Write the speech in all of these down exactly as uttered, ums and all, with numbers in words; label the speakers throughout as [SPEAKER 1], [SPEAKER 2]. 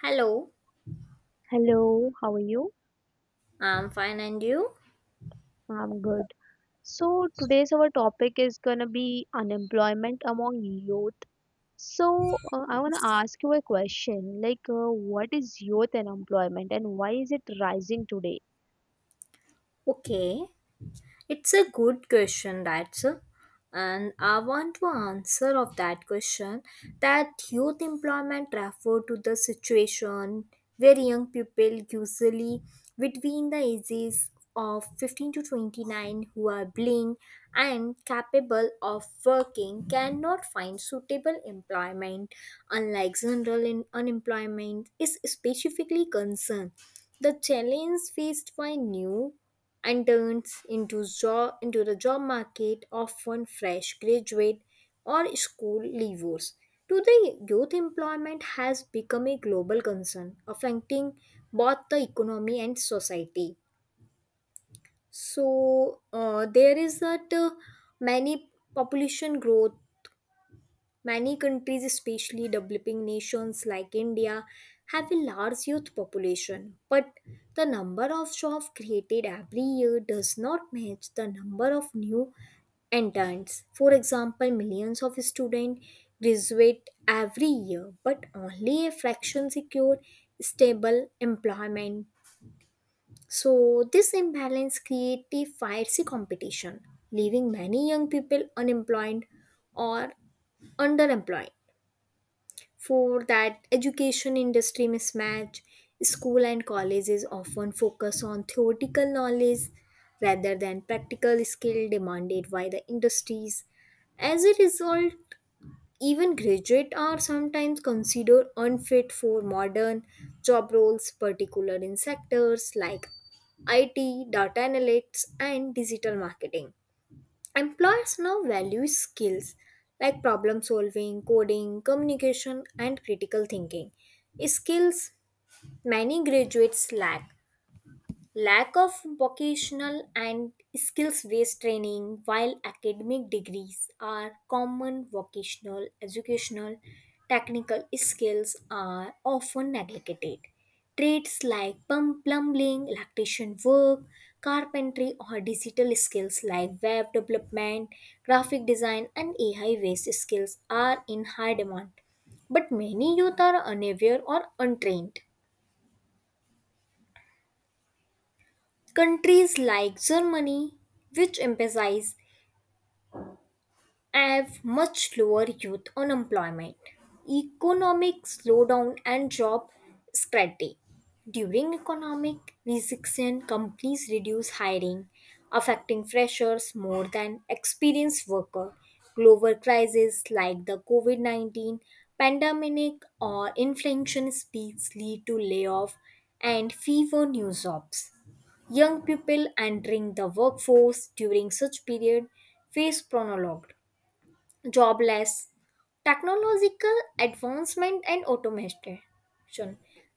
[SPEAKER 1] Hello,
[SPEAKER 2] Hello, how are you?
[SPEAKER 1] I'm fine and you?
[SPEAKER 2] I'm good. So today's our topic is gonna be unemployment among youth. So uh, I want to ask you a question, like uh, what is youth unemployment and why is it rising today?
[SPEAKER 1] Okay, it's a good question, that's uh, and I want to answer of that question that youth employment refer to the situation where young people usually between the ages of fifteen to twenty-nine who are blind and capable of working cannot find suitable employment unlike general in- unemployment is specifically concerned. The challenge faced by new interns into job into the job market, often fresh graduate or school leavers to the youth employment has become a global concern affecting both the economy and society. So uh, there is that uh, many population growth. Many countries, especially developing nations like India, have a large youth population, but the number of jobs created every year does not match the number of new entrants. For example, millions of students graduate every year, but only a fraction secure stable employment. So, this imbalance creates a fierce competition, leaving many young people unemployed or underemployed. For that education industry mismatch, school and colleges often focus on theoretical knowledge rather than practical skill demanded by the industries. As a result, even graduates are sometimes considered unfit for modern job roles, particular in sectors like I T, data analytics, and digital marketing. Employers now value skills like problem solving, coding, communication, and critical thinking. Skills many graduates lack. Lack of vocational and skills based training, while academic degrees are common, vocational, educational, technical skills are often neglected. Trades like plum- plumbing, electrician work, carpentry, or digital skills like web development, graphic design, and A I based skills are in high demand. But many youth are unaware or untrained. Countries like Germany, which emphasize, have much lower youth unemployment, economic slowdown, and job scarcity. During economic recession, companies reduce hiring, affecting freshers more than experienced workers. Global crises like the COVID nineteen pandemic or inflation speeds lead to layoff and fewer new jobs. Young people entering the workforce during such period face prolonged jobless, technological advancement and automation.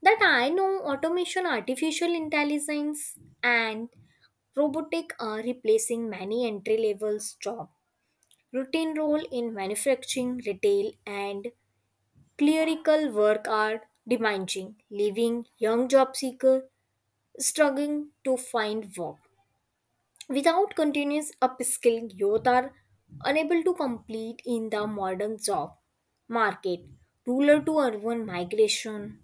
[SPEAKER 1] That I know, automation, artificial intelligence, and robotic are replacing many entry levels job. Routine role in manufacturing, retail, and clerical work are demanding, leaving young job seeker struggling to find work. Without continuous upskilling, youth are unable to compete in the modern job market. Rural to urban migration.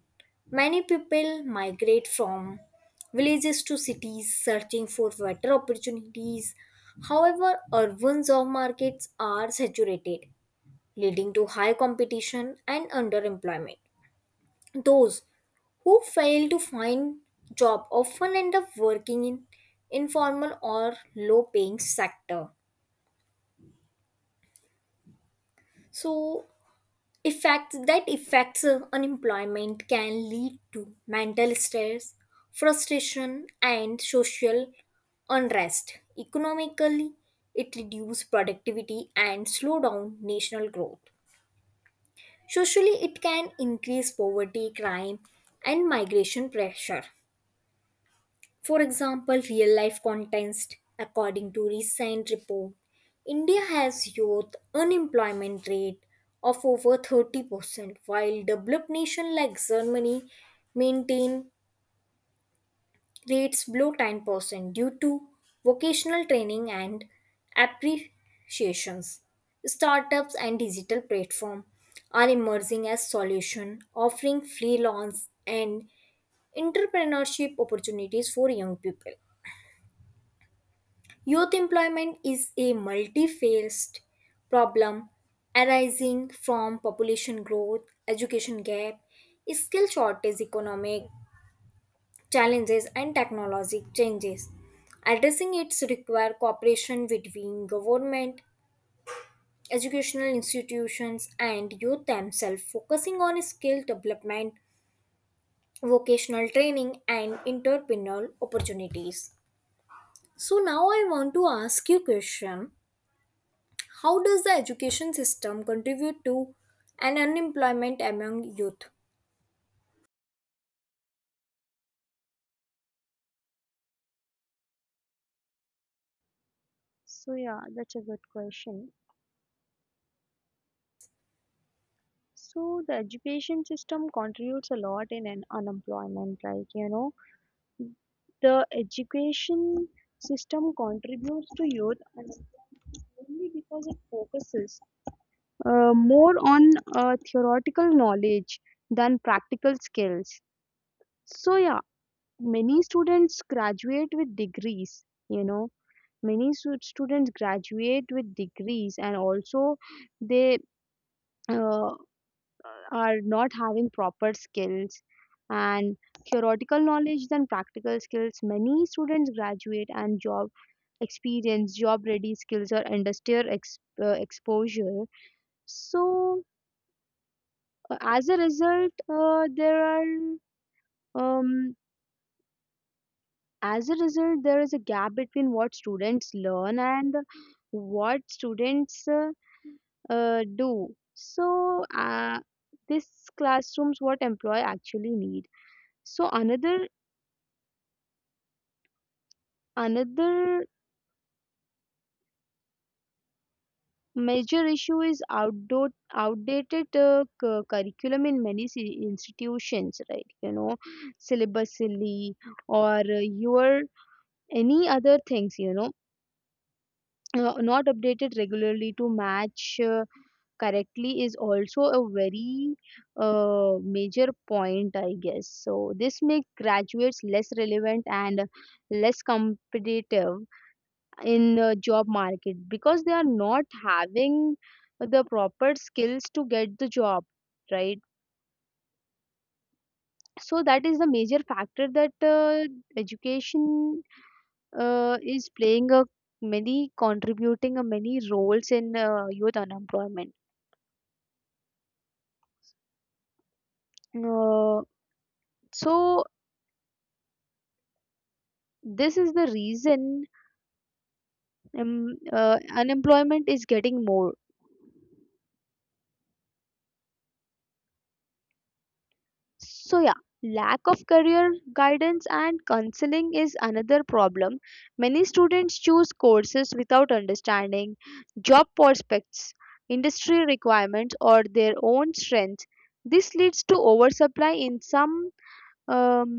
[SPEAKER 1] Many people migrate from villages to cities searching for better opportunities. However, urban job markets are saturated, leading to high competition and underemployment. Those who fail to find job often end up working in informal or low paying sector. So effects that affects uh, unemployment can lead to mental stress, frustration and social unrest. Economically, it reduces productivity and slow down national growth. Socially, it can increase poverty, crime, and migration pressure. For example, real life context, according to recent report, India has youth unemployment rate of over thirty percent while developed nation like Germany maintain rates below ten percent due to vocational training and appreciations. Startups and digital platform are emerging as solution offering freelance and entrepreneurship opportunities for young people. Youth employment is a multi-faced problem arising from population growth, education gap, skill shortage, economic challenges, and technologic changes. Addressing it requires cooperation between government, educational institutions, and youth themselves, focusing on skill development, vocational training, and entrepreneurial opportunities. So now I want to ask you a question. How does the education system contribute to an unemployment among youth?
[SPEAKER 2] So yeah, that's a good question. So the education system contributes a lot in an unemployment, like you know, the education system contributes to youth and only because it focuses uh, more on uh, theoretical knowledge than practical skills. So, yeah, many students graduate with degrees, you know, many stu- students graduate with degrees and also they uh, are not having proper skills and theoretical knowledge than practical skills. Many students graduate and job experience, job ready skills, or industrial ex- uh, exposure. So, Uh, as a result, uh, there are um, as a result there is a gap between what students learn and what students uh, uh, do. So uh, this classrooms what employee actually need. So another another major issue is outdo- outdated uh, cu- curriculum in many ci- institutions, right, you know, syllabus silly or uh, your any other things, you know, uh, not updated regularly to match uh, correctly is also a very uh, major point, I guess. So this makes graduates less relevant and less competitive in the job market because they are not having the proper skills to get the job, right? So that is the major factor that uh, education uh, is playing a many contributing a many roles in uh, youth unemployment. Uh, so this is the reason um, uh, unemployment is getting more. So yeah, lack of career guidance and counseling is another problem. Many students choose courses without understanding job prospects, industry requirements, or their own strengths. This leads to oversupply in some um,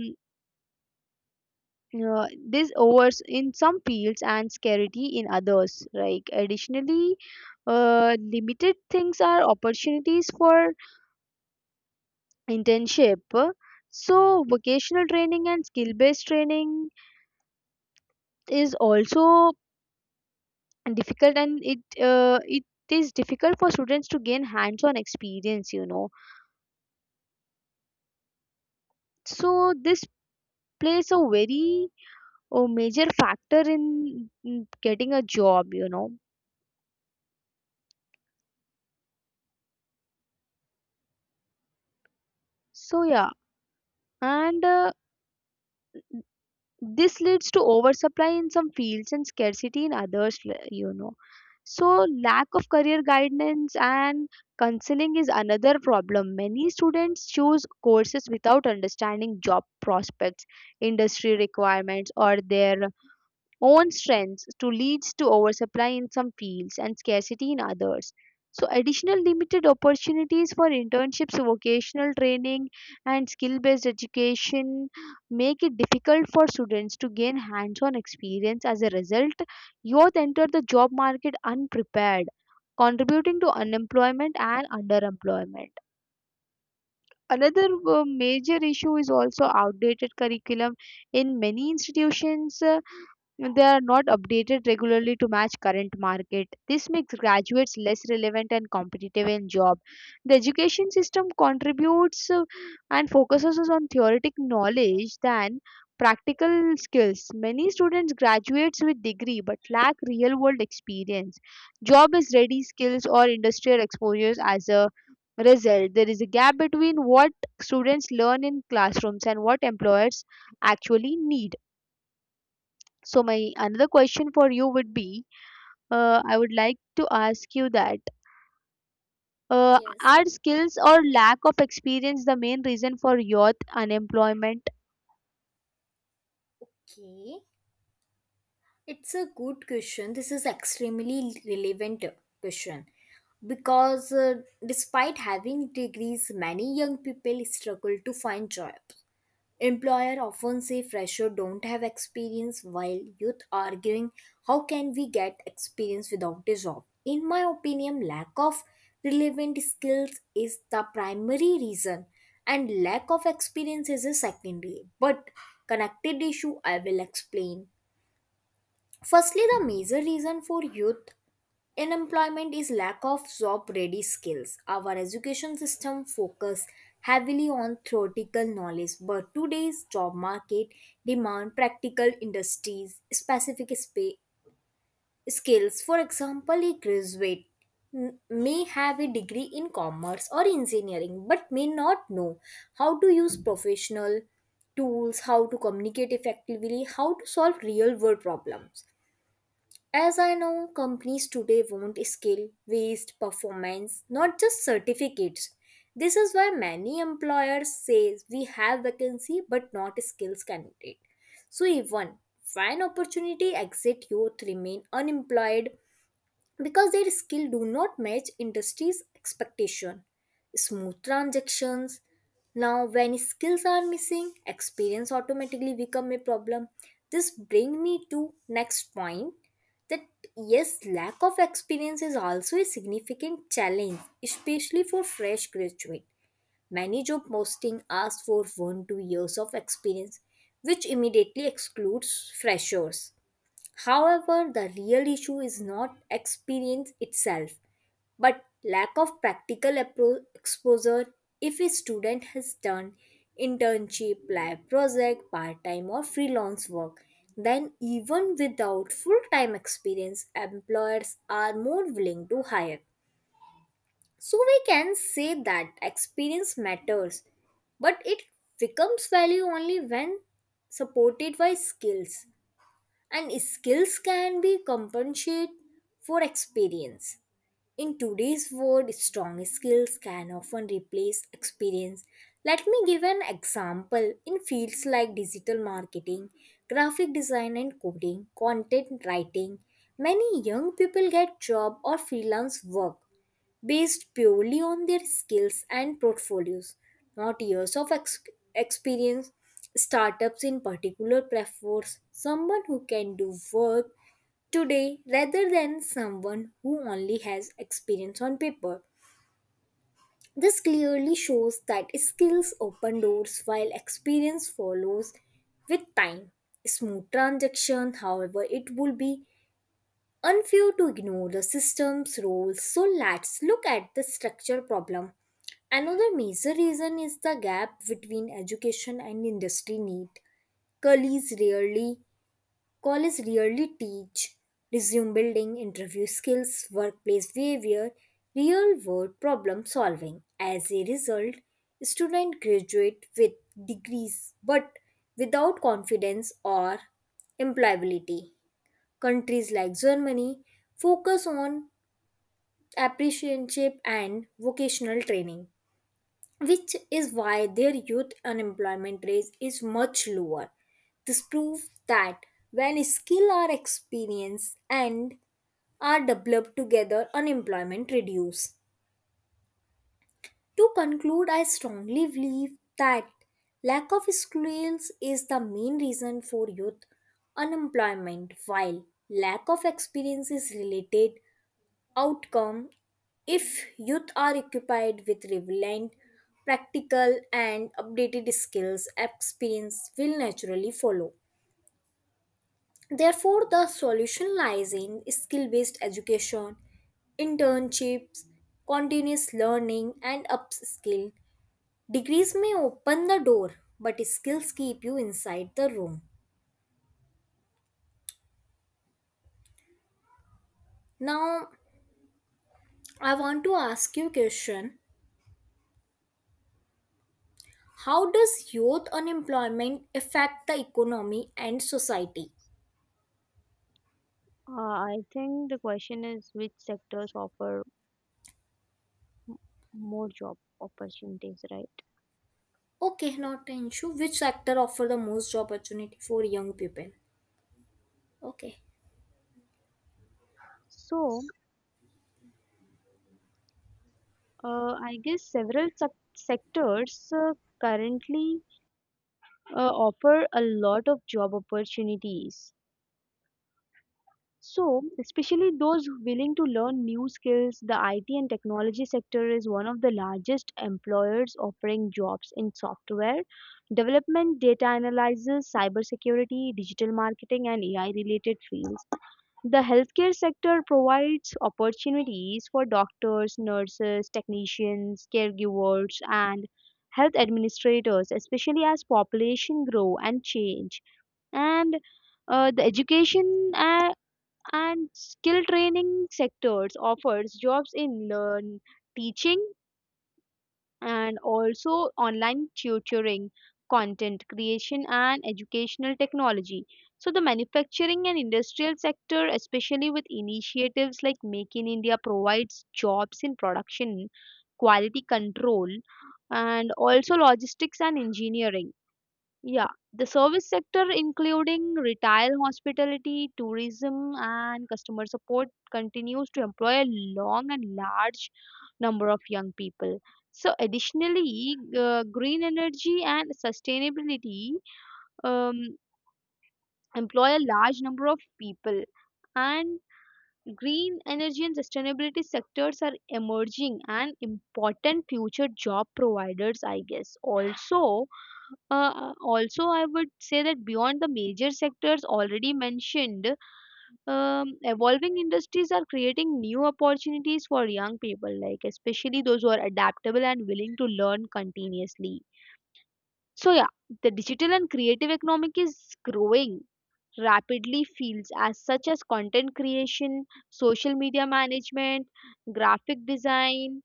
[SPEAKER 2] uh, this overs in some fields and scarcity in others, like additionally uh, limited things are opportunities for internship. So vocational training and skill based training is also difficult, and it uh, it is difficult for students to gain hands on experience, you know. So this plays a very uh, major factor in in getting a job, you know. So yeah, and uh, this leads to oversupply in some fields and scarcity in others, l- you know. So, lack of career guidance and counseling is another problem. Many students choose courses without understanding job prospects, industry requirements, or their own strengths to leads to oversupply in some fields and scarcity in others. So additional limited opportunities for internships, vocational training, and skill based education make it difficult for students to gain hands on experience. As a result, youth enter the job market unprepared, contributing to unemployment and underemployment. Another uh, major issue is also outdated curriculum in many institutions. uh, know, they are not updated regularly to match current market. This makes graduates less relevant and competitive in job. The education system contributes uh, and focuses on theoretic knowledge than practical skills. Many students graduates with degree but lack real world experience. Job is ready skills or industrial exposures as a result. There is a gap between what students learn in classrooms and what employers actually need. So my another question for you would be, uh, I would like to ask you that uh,
[SPEAKER 1] Yes.
[SPEAKER 2] are skills or lack of experience the main reason for youth unemployment?
[SPEAKER 1] Okay. It's a good question. This is extremely relevant question, because uh, despite having degrees many young people struggle to find job. Employer often say fresher don't have experience while youth arguing how can we get experience without a job. In my opinion, lack of relevant skills is the primary reason and lack of experience is a secondary but connected issue I will explain. Firstly, the major reason for youth unemployment is lack of job ready skills. Our education system focus heavily on theoretical knowledge, but today's job market demand practical industries specific spa- skills. For example, a graduate m- may have a degree in commerce or engineering but may not know how to use professional tools, how to communicate effectively, how to solve real world problems. As I know, companies today want skill, waste, performance, not just certificates. This is why many employers say we have vacancy but not skills candidate. So even when opportunity exit youth remain unemployed because their skill do not match industry's expectation. Smooth transactions. Now when skills are missing, experience automatically become a problem. This bring me to next point, that yes, lack of experience is also a significant challenge especially for fresh graduate. Many job posting ask for one to two years of experience which immediately excludes freshers. However, the real issue is not experience itself, but lack of practical appro- exposure. If a student has done internship, lab project, part time, or freelance work, then even without full time experience, employers are more willing to hire. So we can say that experience matters, but it becomes value only when supported by skills, and skills can be compensated for experience. In today's world, strong skills can often replace experience. Let me give an example. In fields like digital marketing, graphic design and coding, content writing, many young people get job or freelance work based purely on their skills and portfolios, not years of ex- experience. Startups, in particular, prefer someone who can do work today rather than someone who only has experience on paper. This clearly shows that skills open doors while experience follows with time. Smooth transaction, however, it will be unfair to ignore the system's roles. So let's look at the structure problem. Another major reason is the gap between education and industry need. colleges rarely Colleges rarely teach resume building, interview skills, workplace behavior, real world problem solving. As a result, students graduate with degrees but without confidence or employability. Countries like Germany focus on apprenticeship and vocational training, which is why their youth unemployment rate is much lower. This proves that when skill are experienced and are developed together, unemployment reduces. To conclude, I strongly believe that lack of skills is the main reason for youth unemployment, while lack of experience is related outcome. If youth are occupied with relevant, practical and updated skills, experience will naturally follow. Therefore the solution lies in skill based education, internships, continuous learning and upskill. Degrees may open the door but skills keep you inside the room. Now I want to ask you a question. How does youth unemployment affect the economy and society?
[SPEAKER 2] Uh, I think the question is which sectors offer m- more job opportunities, right?
[SPEAKER 1] Okay, not an issue. Which sector offer the most job opportunity for young people? Okay.
[SPEAKER 2] So, uh, I guess several sec- sectors uh, currently uh, offer a lot of job opportunities. So, especially those willing to learn new skills, the I T and technology sector is one of the largest employers offering jobs in software development, data analysis, cybersecurity, digital marketing, and A I related fields. The healthcare sector provides opportunities for doctors, nurses, technicians, caregivers, and health administrators, especially as population grow and change. And uh, the education uh, and skill training sectors offers jobs in learn teaching, and also online tutoring, content creation, and educational technology. So the manufacturing and industrial sector, especially with initiatives like Make in India, provides jobs in production, quality control, and also logistics and engineering. Yeah, the service sector, including retail, hospitality, tourism, and customer support, continues to employ a long and large number of young people. So, additionally, uh, green energy and sustainability um, employ a large number of people, and green energy and sustainability sectors are emerging and important future job providers, I guess. Also, uh, also I would say that beyond the major sectors already mentioned, um, evolving industries are creating new opportunities for young people, like especially those who are adaptable and willing to learn continuously. So yeah, the digital and creative economic is growing rapidly, fields as such as content creation, social media management, graphic design,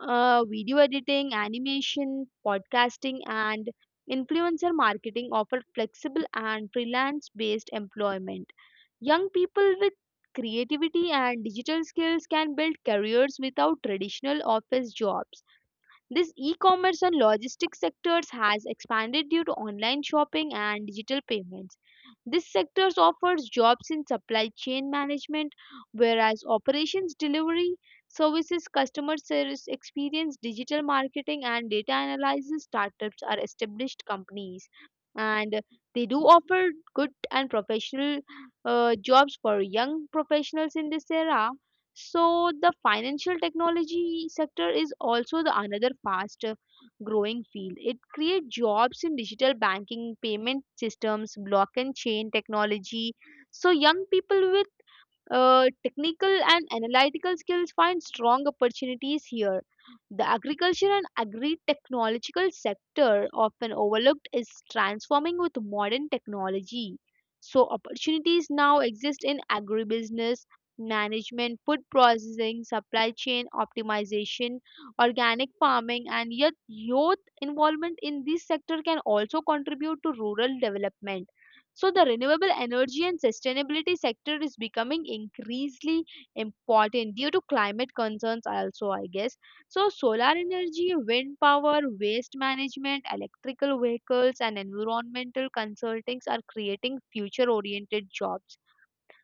[SPEAKER 2] uh, video editing, animation, podcasting, and influencer marketing offer flexible and freelance based employment. Young people with creativity and digital skills can build careers without traditional office jobs. This e-commerce and logistics sectors has expanded due to online shopping and digital payments. This sectors offers jobs in supply chain management, whereas operations delivery services, customer service experience, digital marketing, and data analysis startups are established companies. And they do offer good and professional uh, jobs for young professionals in this era. So the financial technology sector is also the another fast uh, growing field. It creates jobs in digital banking, payment systems, block and chain technology. So young people will uh, technical and analytical skills find strong opportunities here. The agriculture and agri-technological sector, often overlooked, is transforming with modern technology. So opportunities now exist in agribusiness, management, food processing, supply chain optimization, organic farming, and yet youth involvement in this sector can also contribute to rural development. So the renewable energy and sustainability sector is becoming increasingly important due to climate concerns also, I guess. So solar energy, wind power, waste management, electrical vehicles, and environmental consultings are creating future oriented jobs.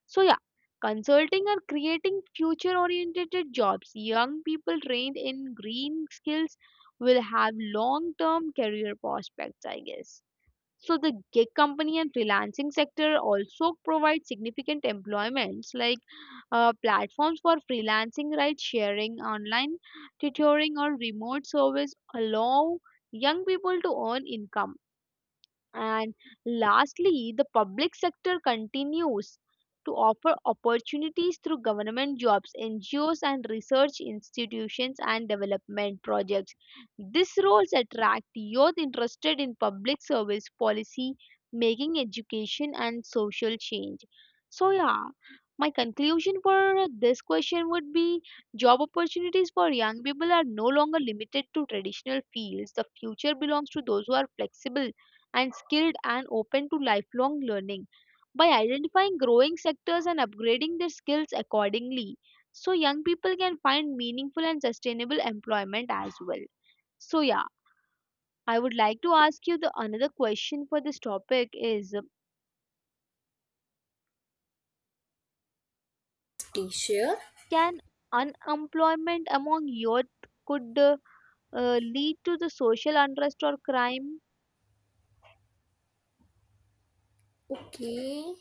[SPEAKER 2] So yeah, consulting are creating future oriented jobs. Young people trained in green skills will have long term career prospects, I guess. So the gig company and freelancing sector also provide significant employments, like uh, platforms for freelancing, right? Sharing, online tutoring, or remote service allow young people to earn income. And lastly, the public sector continues to offer opportunities through government jobs, N G Os, and research institutions and development projects. These roles attract youth interested in public service policy, making education and social change. So, yeah, my conclusion for this question would be job opportunities for young people are no longer limited to traditional fields. The future belongs to those who are flexible and skilled and open to lifelong learning. By identifying growing sectors and upgrading their skills accordingly, so young people can find meaningful and sustainable employment as well. So yeah, I would like to ask you the another question for this topic is,
[SPEAKER 1] Teacher.
[SPEAKER 2] can unemployment among youth could uh, uh, lead to the social unrest or crime?
[SPEAKER 1] Okay.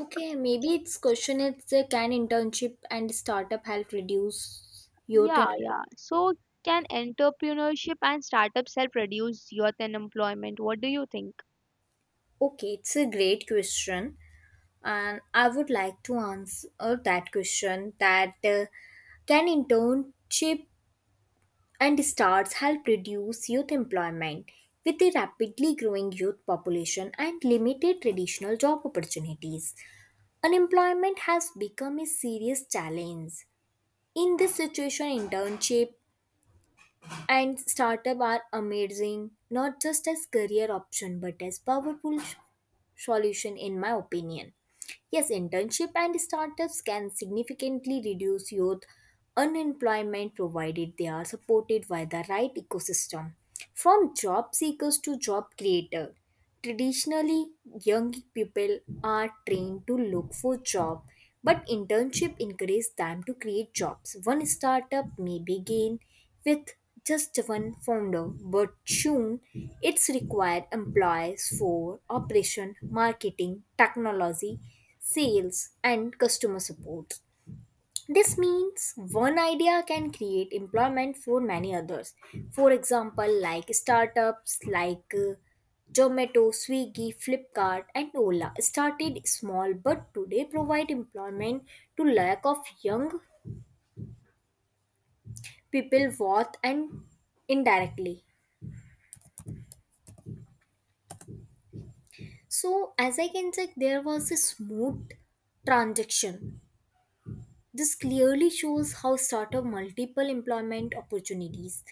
[SPEAKER 1] Okay, maybe its question is uh, Can internship and startup help reduce youth un-
[SPEAKER 2] Yeah, yeah, so can entrepreneurship and startups help reduce youth unemployment? What do you think?
[SPEAKER 1] Okay, it's a great question, and I would like to answer that question that uh, can internship and starts help reduce youth employment with a rapidly growing youth population and limited traditional job opportunities. Unemployment has become a serious challenge. In this situation, internship and startup are amazing not just as career option but as powerful sh- solution. In my opinion, yes, internship and startups can significantly reduce youth unemployment provided they are supported by the right ecosystem, from job seekers to job creator. Traditionally, young people are trained to look for job, but internship encourages them to create jobs. One startup may begin with just one founder, but soon it's required employees for operation, marketing, technology, sales, and customer support. This means one idea can create employment for many others. For example, like startups like uh, Zomato, Swiggy, Flipkart, and Ola started small but today provide employment to lack of young people both and indirectly. So, as I can check, there was a smooth transaction. This clearly shows how startup multiple employment opportunities.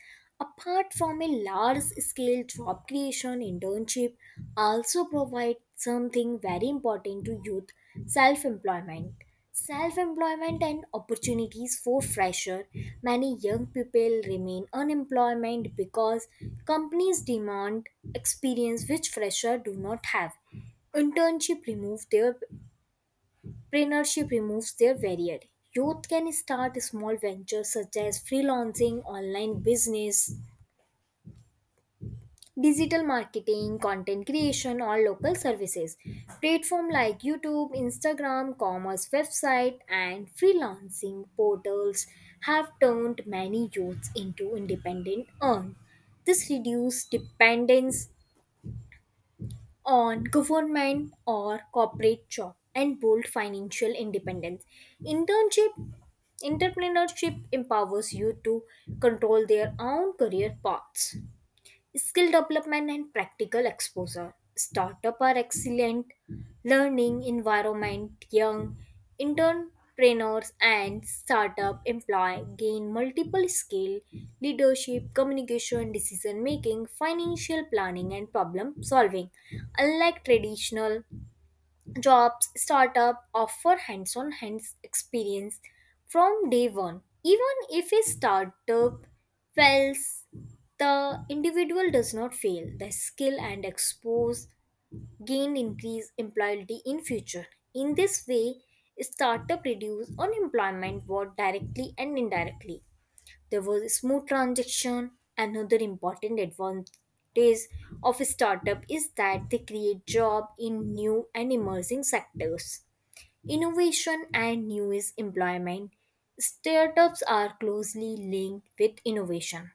[SPEAKER 1] Apart from a large scale job creation, internship also provide something very important to youth self employment. Self employment and opportunities for fresher. Many young people remain unemployment because companies demand experience which fresher do not have. Internship remove their entrepreneurship removes their barrier. Youth can start small ventures such as freelancing, online business, digital marketing, content creation, or local services. Platforms like YouTube, Instagram, commerce website, and freelancing portals have turned many youths into independent earn. This reduces dependence on government or corporate job and bold financial independence. Internship entrepreneurship empowers you to control their own career paths, skill development and practical exposure. Startup are excellent learning environment. Young entrepreneurs and startup employ gain multiple skill, leadership, communication, decision making, financial planning, and problem solving. Unlike traditional jobs, startup offer hands-on hands experience from day one. Even if a startup fails, the individual does not fail. The skill and expose gain increase employability in future. In this way, startup reduce unemployment both directly and indirectly. There was a smooth transaction. Another important advantage of a startup is that they create jobs in new and emerging sectors. Innovation and new is employment. Startups are closely linked with innovation.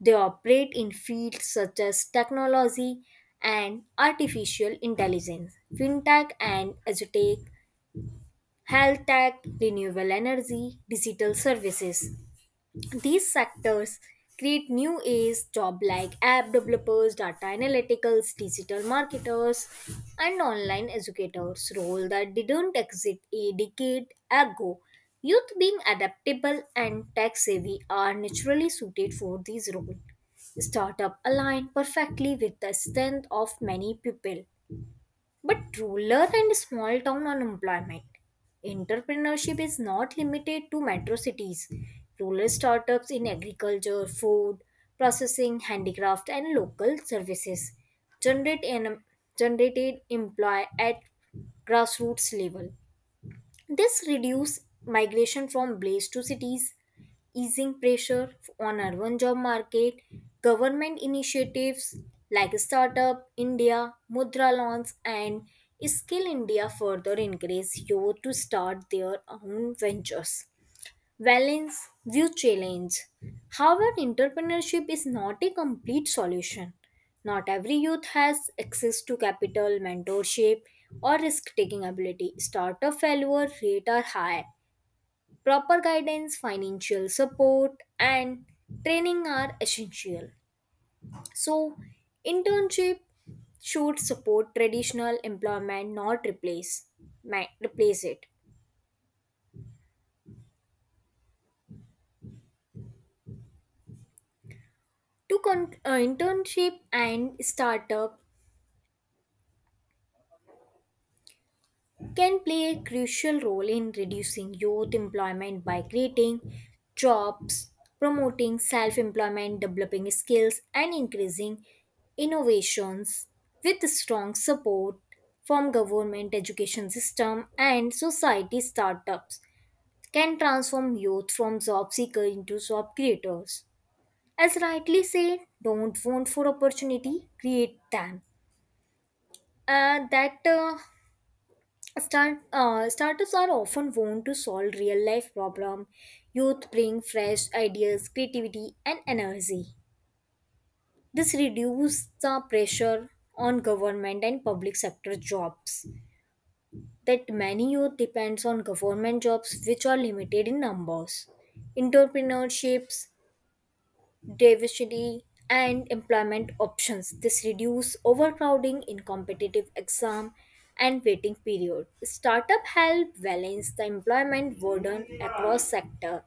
[SPEAKER 1] They operate in fields such as technology and artificial intelligence, fintech and edutech, health tech, renewable energy, digital services. These sectors create new age job like app developers, data analyticals, digital marketers, and online educators, role that didn't exist a decade ago. Youth being adaptable and tech savvy are naturally suited for these roles. Startup align perfectly with the strength of many people. But rural and small town unemployment. Entrepreneurship is not limited to metro cities. Rural startups in agriculture, food, processing, handicraft, and local services generate an, generated employ at grassroots level. This reduces migration from blaze to cities, easing pressure on urban job market. Government initiatives like Startup India, Mudra loans, and Skill India further encourage youth to start their own ventures. Valence view challenge. However, entrepreneurship is not a complete solution. Not every youth has access to capital, mentorship, or risk taking ability. Startup failure rate are high. Proper guidance, financial support, and training are essential. So, internship should support traditional employment, not replace ma- replace it. To con- uh, internship and startup can play a crucial role in reducing youth employment by creating jobs, promoting self employment, developing skills, and increasing innovations with strong support from government education system and society. Startups can transform youth from job seeker into job creators. As rightly said, don't want for opportunity, create them. uh, that uh, Start, uh, startups are often wont to solve real life problem. Youth bring fresh ideas, creativity, and energy. This reduces the pressure on government and public sector jobs. That many youth depends on government jobs which are limited in numbers. Entrepreneurships diversity and employment options. This reduce overcrowding in competitive exam and waiting period. Startup help balance the employment burden across sector,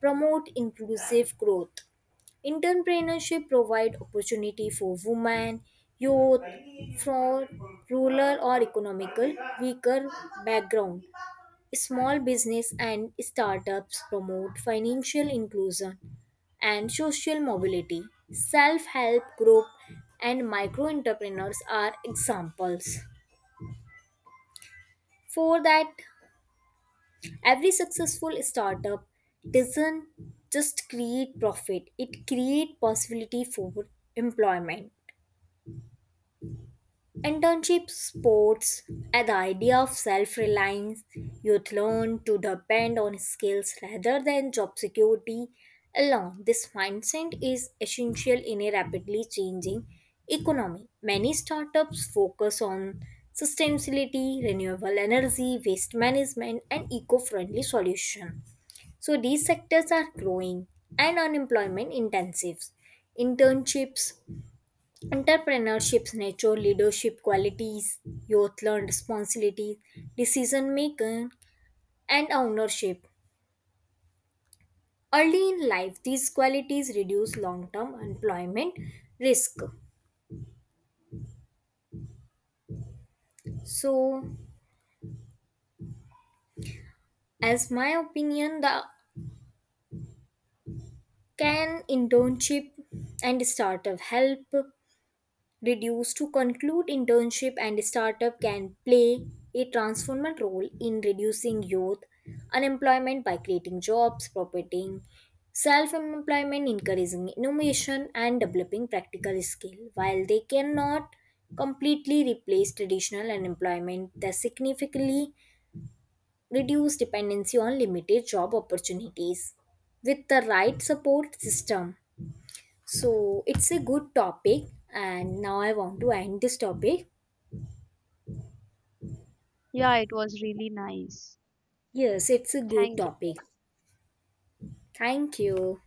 [SPEAKER 1] promote inclusive growth. Entrepreneurship provide opportunity for women, youth from rural or economical weaker background. Small business and startups promote financial inclusion and social mobility. Self help group and micro entrepreneurs are examples. For that, every successful startup doesn't just create profit, it creates possibility for employment. Internship sports at the idea of self reliance. Youth learn to depend on skills rather than job security alone. This mindset is essential in a rapidly changing economy. Many startups focus on sustainability, renewable energy, waste management, and eco friendly solutions. So, these sectors are growing and unemployment intensive. Internships entrepreneurship's nature, leadership qualities, youth learned responsibility, decision making, and ownership. Early in life, these qualities reduce long term employment risk. So, as my opinion, the can internship and startup help reduced to conclude internship and startup can play a transformative role in reducing youth unemployment by creating jobs, promoting self-employment, encouraging innovation and developing practical skill. While they cannot completely replace traditional unemployment, they significantly reduce dependency on limited job opportunities with the right support system. So it's a good topic, and now I want to end this topic.
[SPEAKER 2] Yeah, it was really nice.
[SPEAKER 1] Yes, it's a good
[SPEAKER 2] Thank
[SPEAKER 1] topic. Thank you.